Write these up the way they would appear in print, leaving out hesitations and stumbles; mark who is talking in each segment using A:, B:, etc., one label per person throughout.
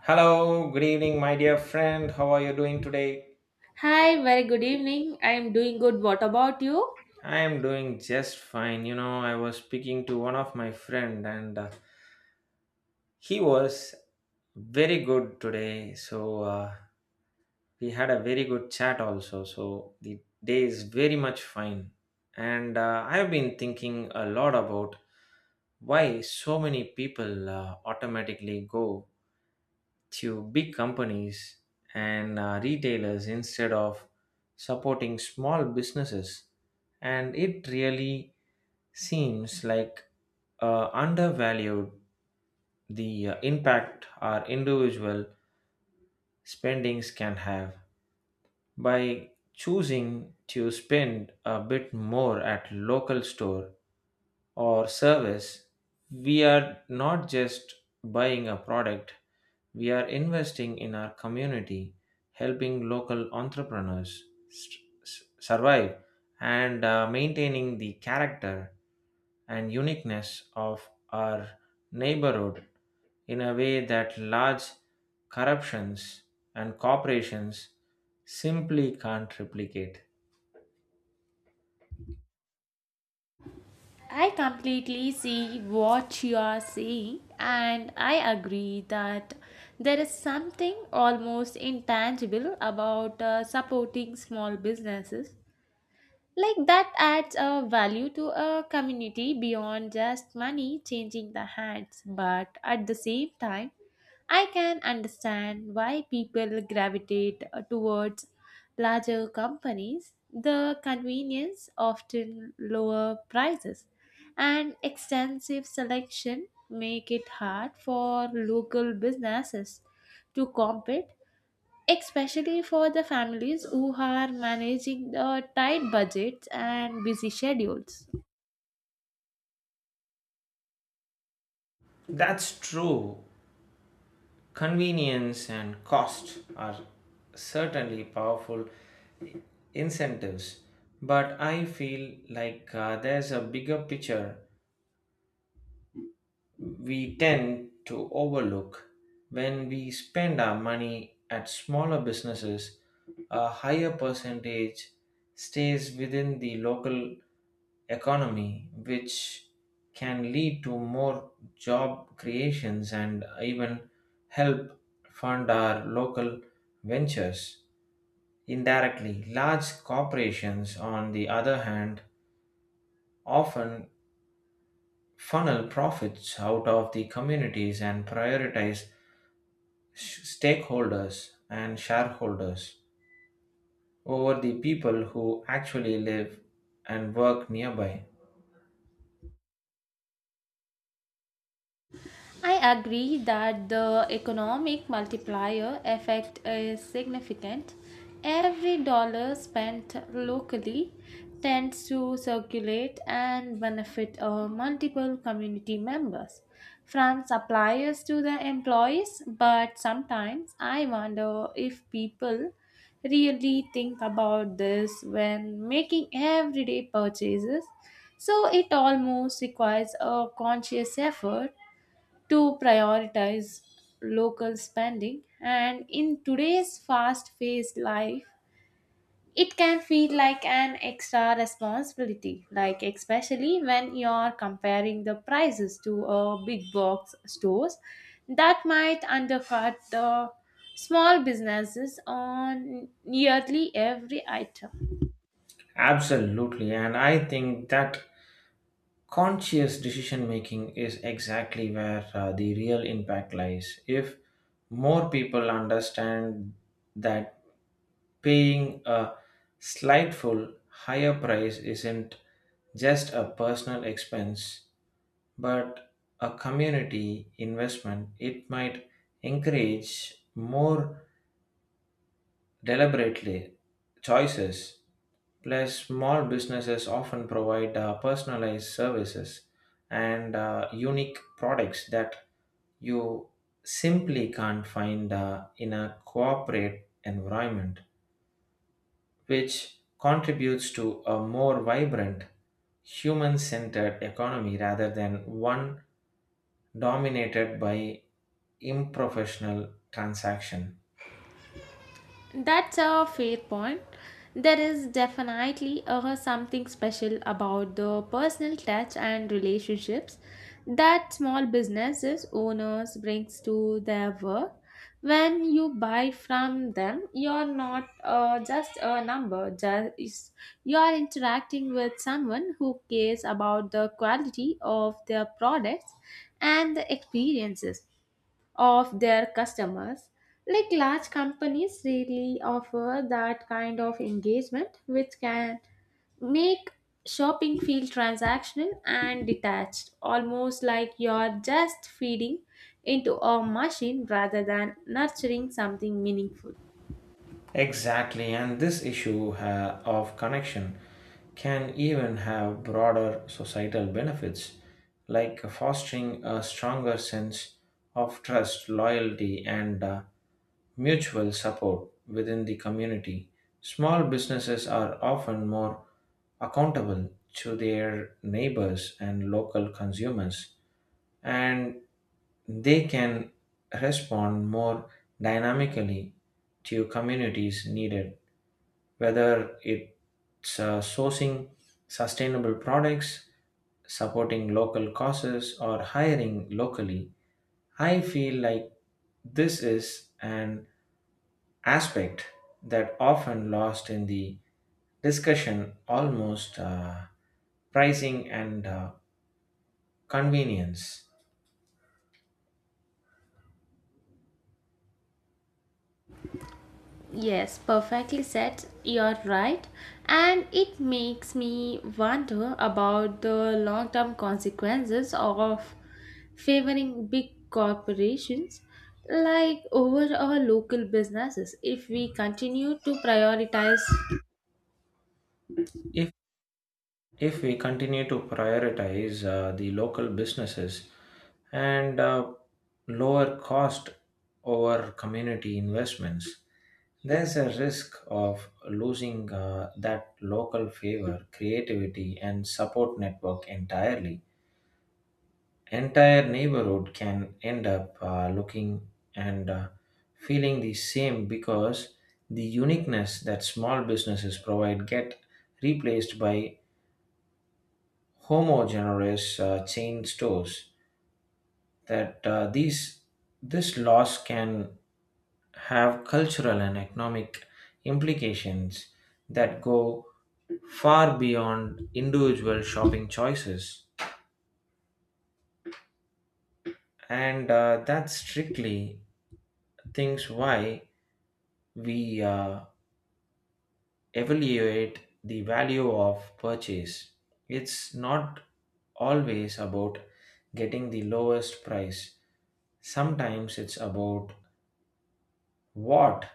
A: Hello, good evening, my dear friend. How are you doing today?
B: Hi, very good evening. I am doing good. What about you?
A: I am doing just fine. You know, I was speaking to one of my friend, and he was very good today. So we had a very good chat also. So the day is very much fine, and I have been thinking a lot about why so many people automatically go to big companies and retailers instead of supporting small businesses, and it really seems like undervalued the impact our individual spendings can have. By choosing to spend a bit more at local store or service, we are not just buying a product, we are investing in our community, helping local entrepreneurs s- survive and maintaining the character and uniqueness of our neighborhood in a way that large corruptions and corporations simply can't replicate.
B: I completely see what you are saying, and I agree that there is something almost intangible about supporting small businesses. Like that adds a value to a community beyond just money changing the hands, but at the same time, I can understand why people gravitate towards larger companies. The convenience, often lower prices, and extensive selection make it hard for local businesses to compete, especially for the families who are managing the tight budgets and busy schedules.
A: That's true. Convenience and cost are certainly powerful incentives, but I feel like there's a bigger picture we tend to overlook. When we spend our money at smaller businesses, a higher percentage stays within the local economy, which can lead to more job creations and even help fund our local ventures indirectly. Large corporations, on the other hand, often funnel profits out of the communities and prioritize stakeholders and shareholders over the people who actually live and work nearby.
B: I agree that the economic multiplier effect is significant. Every dollar spent locally tends to circulate and benefit multiple community members, from suppliers to the employees. But sometimes I wonder if people really think about this when making everyday purchases. So it almost requires a conscious effort to prioritize local spending. And in today's fast paced life, it can feel like an extra responsibility, like especially when you're comparing the prices to big box stores that might undercut the small businesses on nearly every item.
A: Absolutely, and I think that conscious decision making is exactly where the real impact lies. If more people understand that paying a slightful higher price isn't just a personal expense but a community investment, it might encourage more deliberately choices. Plus, small businesses often provide personalized services and unique products that you simply can't find in a corporate environment, which contributes to a more vibrant human centered economy rather than one dominated by improfessional transaction.
B: That's a fair point. There is definitely something special about the personal touch and relationships that small businesses owners brings to their work. When you buy from them, you're not just a number. Just you're interacting with someone who cares about the quality of their products and the experiences of their customers. Like large companies really offer that kind of engagement, which can make shopping feel transactional and detached, almost like you're just feeding into a machine rather than nurturing something meaningful.
A: Exactly, and this issue of connection can even have broader societal benefits, like fostering a stronger sense of trust, loyalty, and mutual support within the community. Small businesses are often more accountable to their neighbors and local consumers, and they can respond more dynamically to communities needed, whether it's sourcing sustainable products, supporting local causes, or hiring locally. I feel like this is an aspect that often lost in the discussion almost pricing and convenience.
B: Yes, perfectly said. You're right. And it makes me wonder about the long term consequences of favoring big corporations like over our local businesses if we continue to prioritize.
A: If if we continue to prioritize the local businesses and lower cost over community investments, there's a risk of losing that local favor, creativity, and support network entirely. Entire neighborhood can end up looking and feeling the same, because the uniqueness that small businesses provide get replaced by homogeneous chain stores. That these this loss can have cultural and economic implications that go far beyond individual shopping choices, and that's strictly things why we evaluate the value of purchase. It's not always about getting the lowest price, sometimes it's about what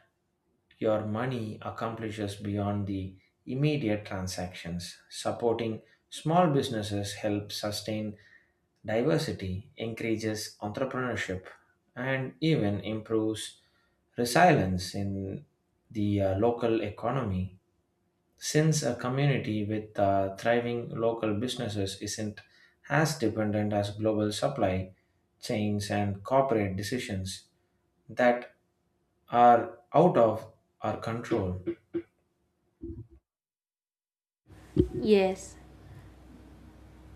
A: your money accomplishes beyond the immediate transactions. Supporting small businesses helps sustain diversity, encourages entrepreneurship, and even improves resilience in the local economy. Since a community with thriving local businesses isn't as dependent as global supply chains and corporate decisions that are out of our control.
B: Yes,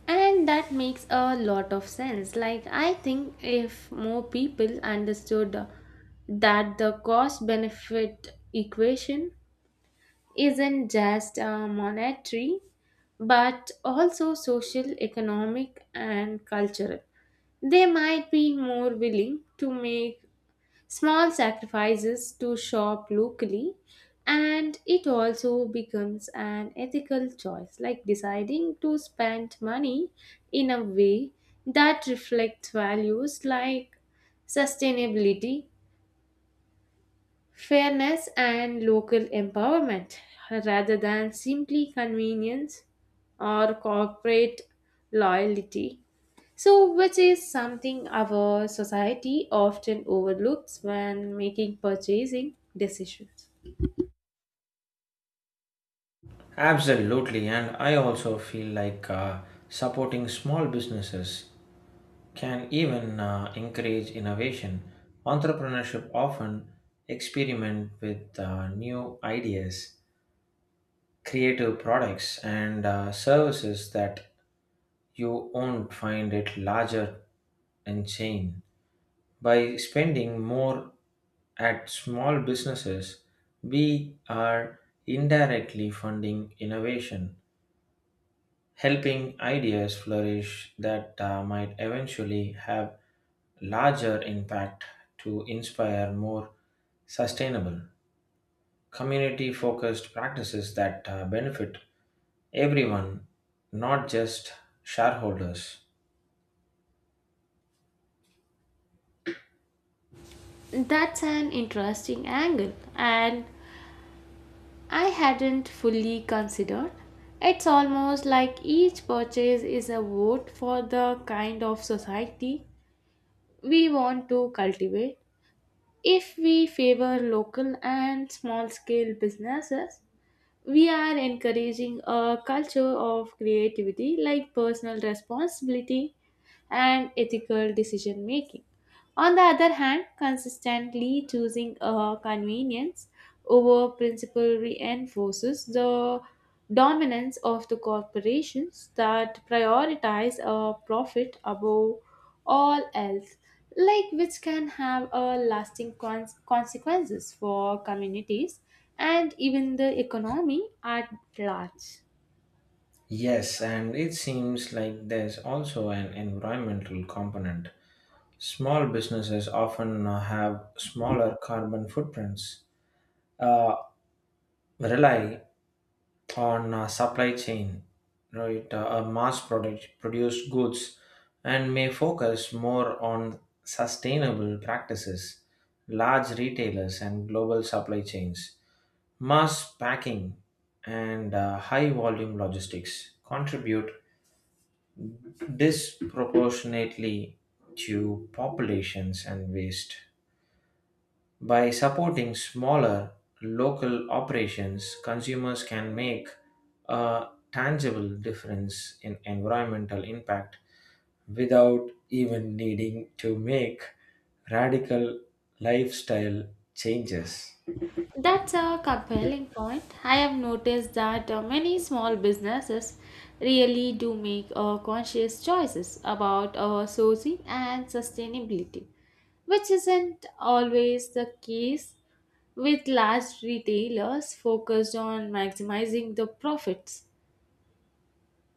B: and that makes a lot of sense. Like, I think if more people understood that the cost benefit equation isn't just monetary but also social, economic, and cultural. They might be more willing to make small sacrifices to shop locally, and it also becomes an ethical choice, like deciding to spend money in a way that reflects values like sustainability, fairness and local empowerment rather than simply convenience or corporate loyalty. So, which is something our society often overlooks when making purchasing decisions.
A: Absolutely, and I also feel like supporting small businesses can even encourage innovation. Entrepreneurship often experiment with new ideas, creative products, and services that you won't find at larger and chain. By spending more at small businesses, we are indirectly funding innovation, helping ideas flourish that might eventually have larger impact to inspire more sustainable community focused practices that benefit everyone, not just shareholders.
B: That's an interesting angle, and I hadn't fully considered. It's almost like each purchase is a vote for the kind of society we want to cultivate. If we favor local and small scale businesses, we are encouraging a culture of creativity, like personal responsibility and ethical decision making. On the other hand, consistently choosing convenience over principle reinforces the dominance of the corporations that prioritize profit above all else, like which can have lasting consequences for communities and even the economy at large.
A: Yes, and it seems like there's also an environmental component. Small businesses often have smaller carbon footprints, uh, rely on supply chain, right, a mass product produced goods, and may focus more on sustainable practices. Large retailers and global supply chains, mass packing and high volume logistics contribute disproportionately to populations and waste. By supporting smaller, local operations, consumers can make a tangible difference in environmental impact without even needing to make radical lifestyle changes.
B: That's a compelling point. I have noticed that many small businesses really do make conscious choices about sourcing and sustainability, which isn't always the case with large retailers focused on maximizing the profits.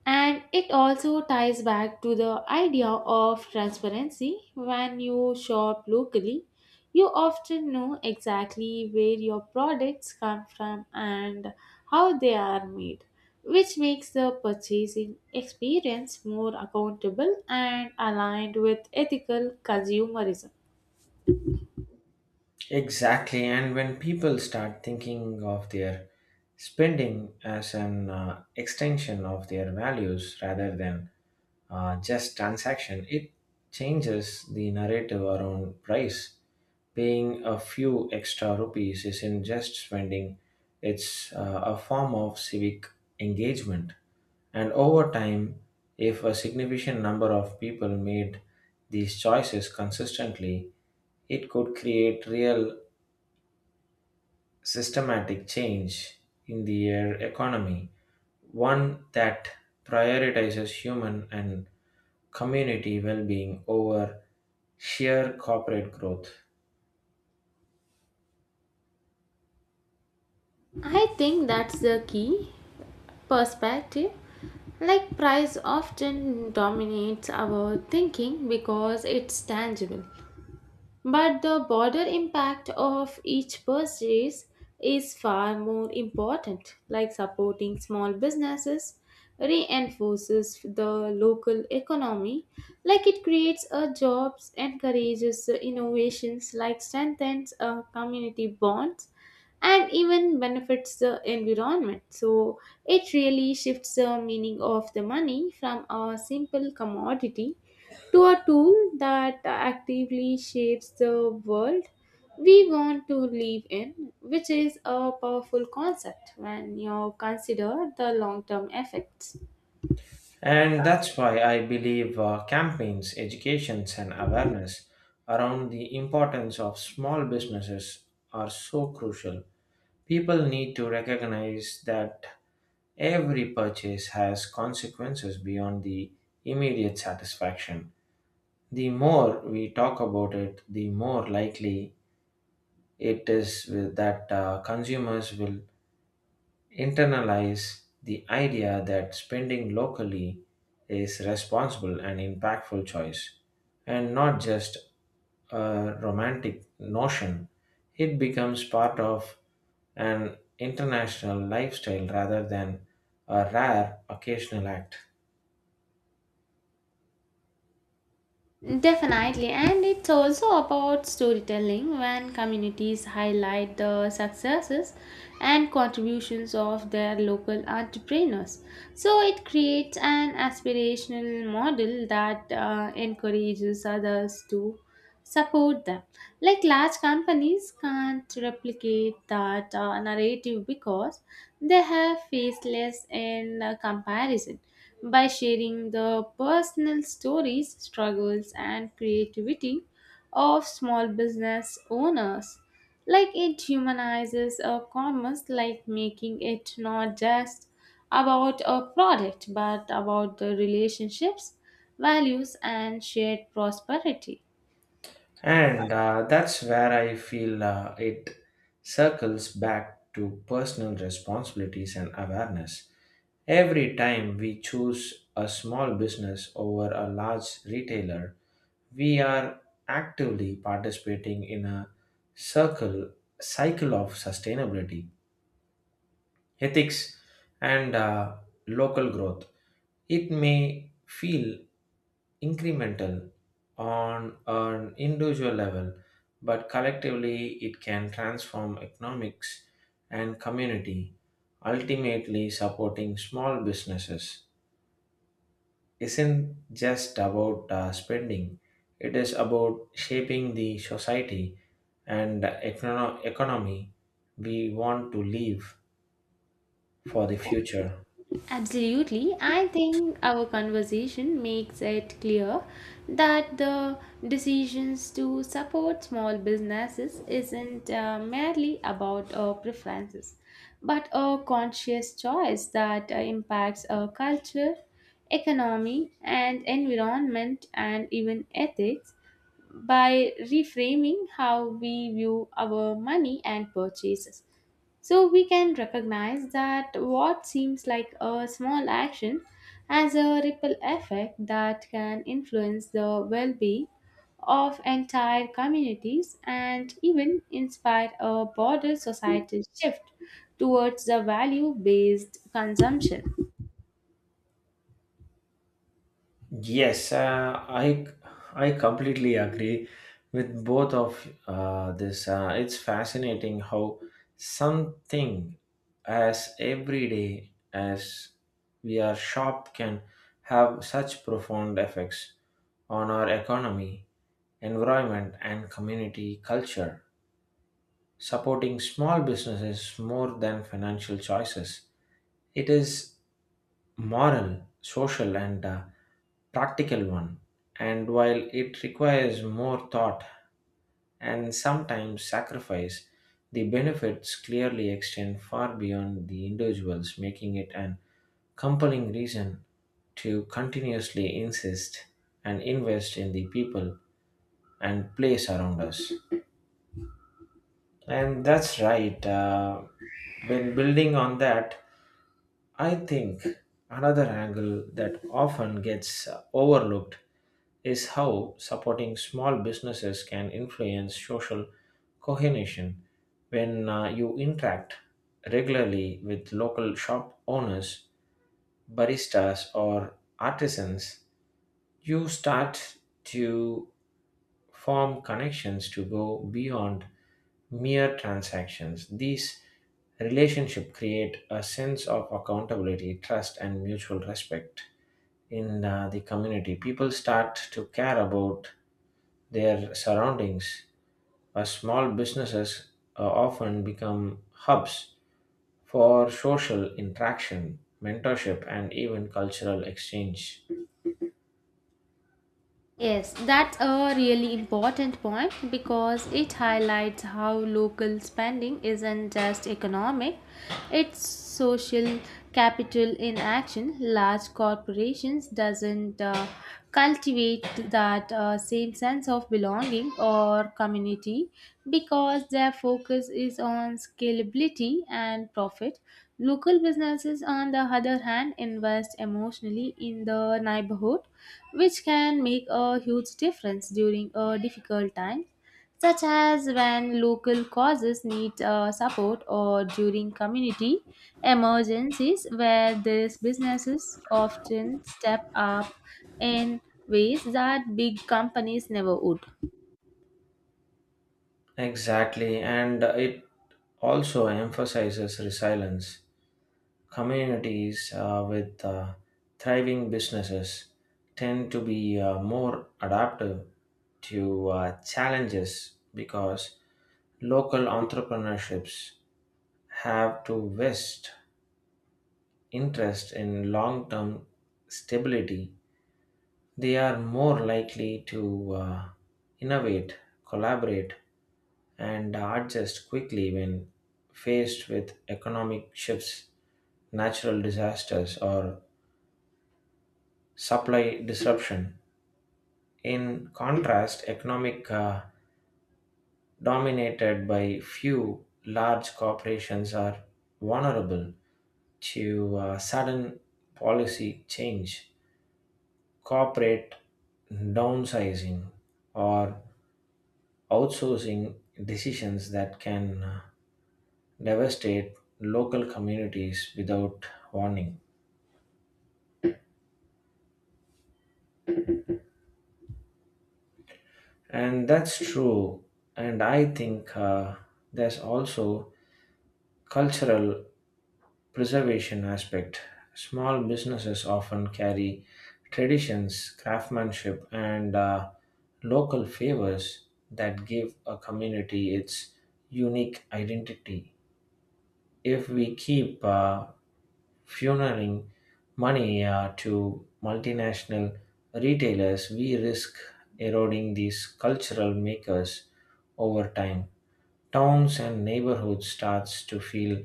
B: And it also ties back to the idea of transparency. When you shop locally, you often know exactly where your products come from and how they are made, which makes the purchasing experience more accountable and aligned with ethical consumerism.
A: Exactly, and when people start thinking of their spending as an extension of their values rather than just transaction, it changes the narrative around price. Paying a few extra rupees isn't just spending, it's a form of civic engagement. And over time, if a significant number of people made these choices consistently, it could create real systematic change in the air economy, one that prioritizes human and community well being over sheer corporate growth.
B: I think that's the key perspective. Like price often dominates our thinking because it's tangible. But the broader impact of each purchase is far more important, like supporting small businesses reinforces the local economy, like it creates a jobs, encourages the innovations, like strengthens a community bonds, and even benefits the environment. So it really shifts the meaning of the money from a simple commodity to a tool that actively shapes the world we want to live in, which is a powerful concept when you consider the long term effects.
A: And that's why I believe campaigns, educations, and awareness around the importance of small businesses are so crucial. People need to recognize that every purchase has consequences beyond the immediate satisfaction. The more we talk about it, the more likely it is that consumers will internalize the idea that spending locally is responsible and impactful choice, and not just a romantic notion. It becomes part of an international lifestyle rather than a rare occasional act.
B: Definitely, and it's also about storytelling when communities highlight the successes and contributions of their local entrepreneurs. So it creates an aspirational model that encourages others to support them. Like large companies can't replicate that narrative because they have faced less in comparison. By sharing the personal stories, struggles, and creativity of small business owners, like it humanizes a commerce, like making it not just about a product but about the relationships, values, and shared prosperity.
A: And that's where I feel it circles back to personal responsibilities and awareness. Every time we choose a small business over a large retailer, we are actively participating in a circle cycle of sustainability, ethics, and local growth. It may feel incremental on an individual level, but collectively it can transform economics and community. Ultimately, supporting small businesses isn't just about spending, it is about shaping the society and economy we want to leave for the future.
B: Absolutely. I think our conversation makes it clear that the decisions to support small businesses isn't merely about preferences, but a conscious choice that impacts our culture, economy, and environment, and even ethics by reframing how we view our money and purchases. So we can recognize that what seems like a small action has a ripple effect that can influence the well being of entire communities and even inspire a broader societal shift towards the value based consumption.
A: Yes, I completely agree with both of this. It's fascinating how something as everyday as we are shop can have such profound effects on our economy, environment, and community culture. Supporting small businesses more than financial choices. It is moral, social, and practical one. And while it requires more thought and sometimes sacrifice, the benefits clearly extend far beyond the individuals, making it an compelling reason to continuously insist and invest in the people and place around us. And that's right. When building on that, I think another angle that often gets overlooked is how supporting small businesses can influence social cohesion. When you interact regularly with local shop owners, baristas, or artisans, you start to form connections to go beyond mere transactions. These relationships create a sense of accountability, trust, and mutual respect in the community. People start to care about their surroundings. Small businesses often become hubs for social interaction, mentorship, and even cultural exchange.
B: Yes, that's a really important point because it highlights how local spending isn't just economic, it's social capital in action. Large corporations doesn't cultivate that same sense of belonging or community because their focus is on scalability and profit. Local businesses, on the other hand, invest emotionally in the neighborhood which can make a huge difference during a difficult time, such as when local causes need support or during community emergencies, where these businesses often step up in ways that big companies never would.
A: Exactly, and it also emphasizes resilience. Communities with thriving businesses tend to be more adaptive to challenges, because local entrepreneurships have to vest interest in long-term stability. They are more likely to innovate, collaborate, and adjust quickly when faced with economic shifts, natural disasters, or supply disruption. In contrast, economic dominated by few large corporations are vulnerable to sudden policy change, corporate downsizing, or outsourcing decisions that can devastate local communities without warning. And that's true. And I think there's also cultural preservation aspect. Small businesses often carry traditions, craftsmanship, and local favors that give a community its unique identity. If we keep funneling money to multinational retailers, we risk eroding these cultural makers over time. Towns and neighborhoods starts to feel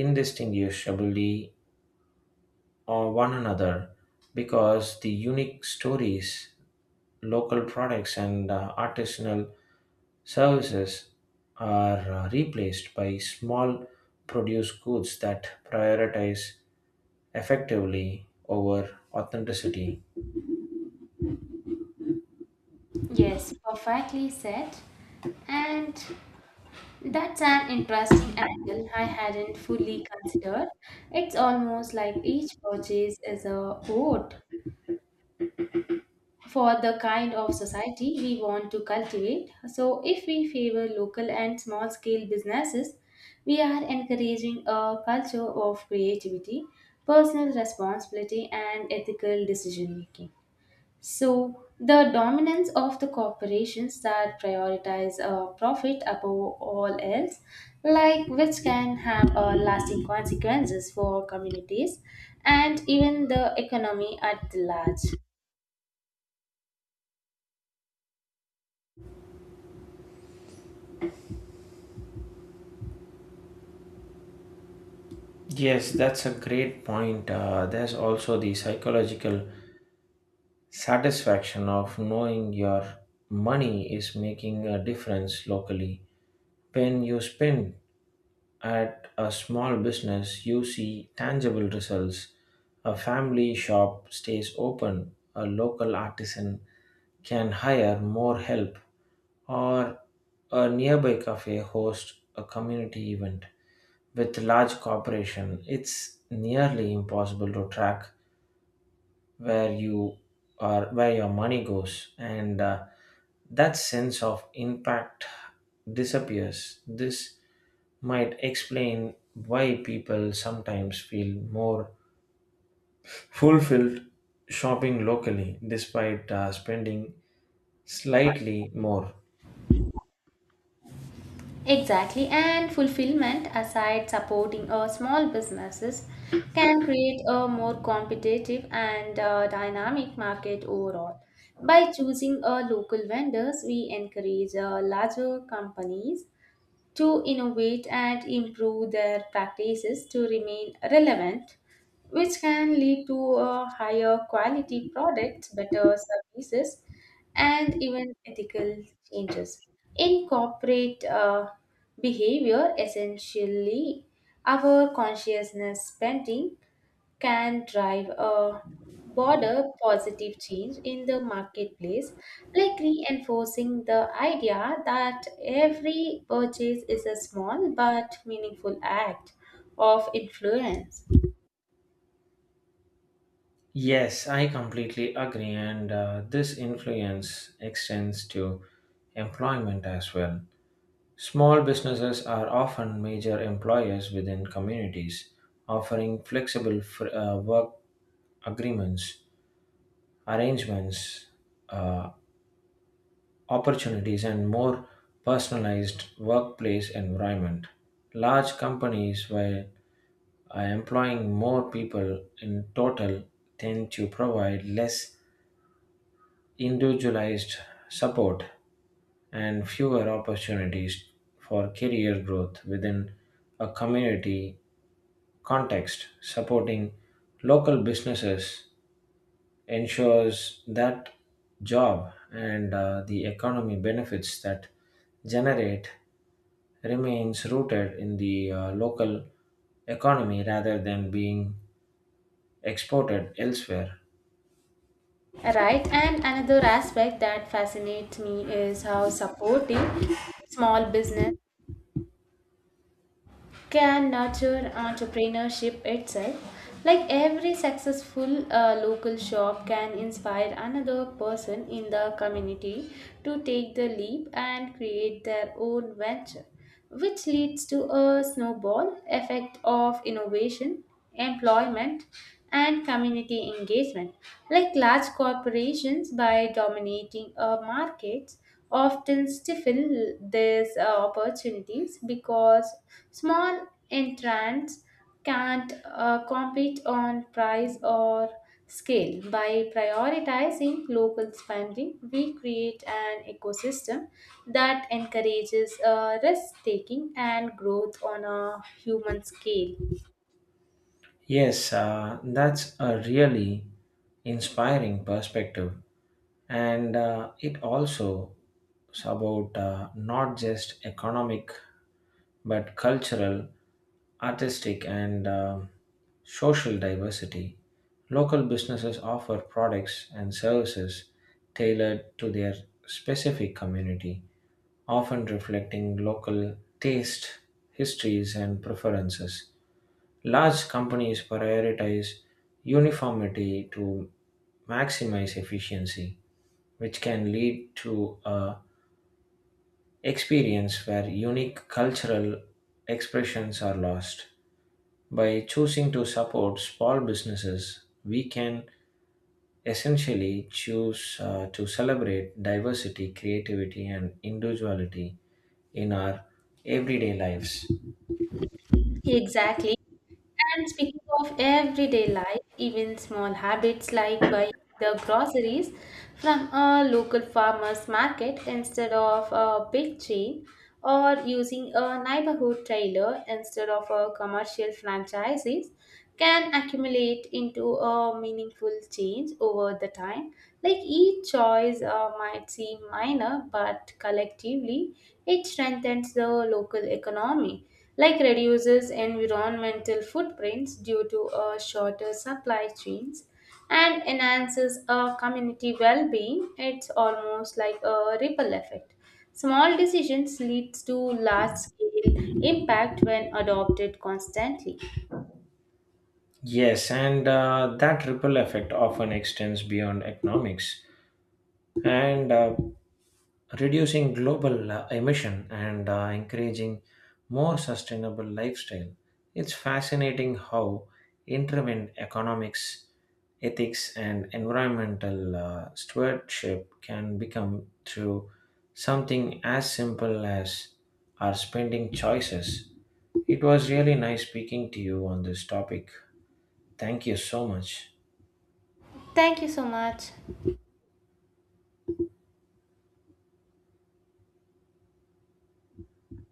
A: indistinguishably or one another, because the unique stories, local products, and artisanal services are replaced by small produce goods that prioritize effectively over authenticity.
B: Yes, perfectly said. And that's an interesting angle I hadn't fully considered. It's almost like each purchase is a vote for the kind of society we want to cultivate. So, if we favor local and small scale businesses, we are encouraging a culture of creativity, personal responsibility, and ethical decision making. So, the dominance of the corporations that prioritize profit above all else, like which can have lasting consequences for communities and even the economy at large.
A: Yes, that's a great point. There's also the psychological satisfaction of knowing your money is making a difference locally. When you spend at a small business, you see tangible results. A family shop stays open, a local artisan can hire more help, or a nearby cafe hosts a community event. With large corporation, it's nearly impossible to track where you where your money goes, and that sense of impact disappears. This might explain why people sometimes feel more fulfilled shopping locally despite spending slightly more.
B: Exactly, and fulfillment aside, supporting small businesses can create a more competitive and dynamic market overall. By choosing local vendors, we encourage larger companies to innovate and improve their practices to remain relevant, which can lead to a higher quality products, better services, and even ethical changes. In corporate behavior, essentially, our consciousness spending can drive a broader positive change in the marketplace, like reinforcing the idea that every purchase is a small but meaningful act of influence.
A: Yes, I completely agree, and this influence extends to employment as well. Small businesses are often major employers within communities, offering flexible work agreements, arrangements, uh, opportunities, and more personalized workplace environment. Large companies, while employing more people in total, tend to provide less individualized support and fewer opportunities for career growth within a community context. Supporting local businesses ensures that job and the economy benefits that generate remains rooted in the local economy rather than being exported elsewhere.
B: Right, and another aspect that fascinates me is how supporting small business can nurture entrepreneurship itself. Like every successful local shop can inspire another person in the community to take the leap and create their own venture, which leads to a snowball effect of innovation, employment, and community engagement. Like large corporations, by dominating markets, often stifle these opportunities because small entrants can't compete on price or scale. By prioritizing local spending, we create an ecosystem that encourages risk taking and growth on a human scale.
A: Yes, that's a really inspiring perspective. And it also is about not just economic but cultural, artistic, and social diversity. Local businesses offer products and services tailored to their specific community, often reflecting local taste, histories, and preferences. Large companies prioritize uniformity to maximize efficiency, which can lead to a experience where unique cultural expressions are lost. By choosing to support small businesses, we can essentially choose to celebrate diversity, creativity, and individuality in our everyday lives.
B: Exactly. And speaking of everyday life, even small habits like buying the groceries from a local farmer's market instead of a big chain, or using a neighborhood trailer instead of a commercial franchises can accumulate into a meaningful change over the time. Like each choice might seem minor, but collectively it strengthens the local economy, like reduces environmental footprints due to a shorter supply chains and enhances a community well-being. It's almost like a ripple effect, small decisions leads to large scale impact when adopted constantly.
A: Yes, and that ripple effect often extends beyond economics. And reducing global emission and encouraging more sustainable lifestyle. It's fascinating how intervened economics, ethics, and environmental stewardship can become through something as simple as our spending choices. It was really nice speaking to you on this topic. Thank you so much.
B: Thank you so much.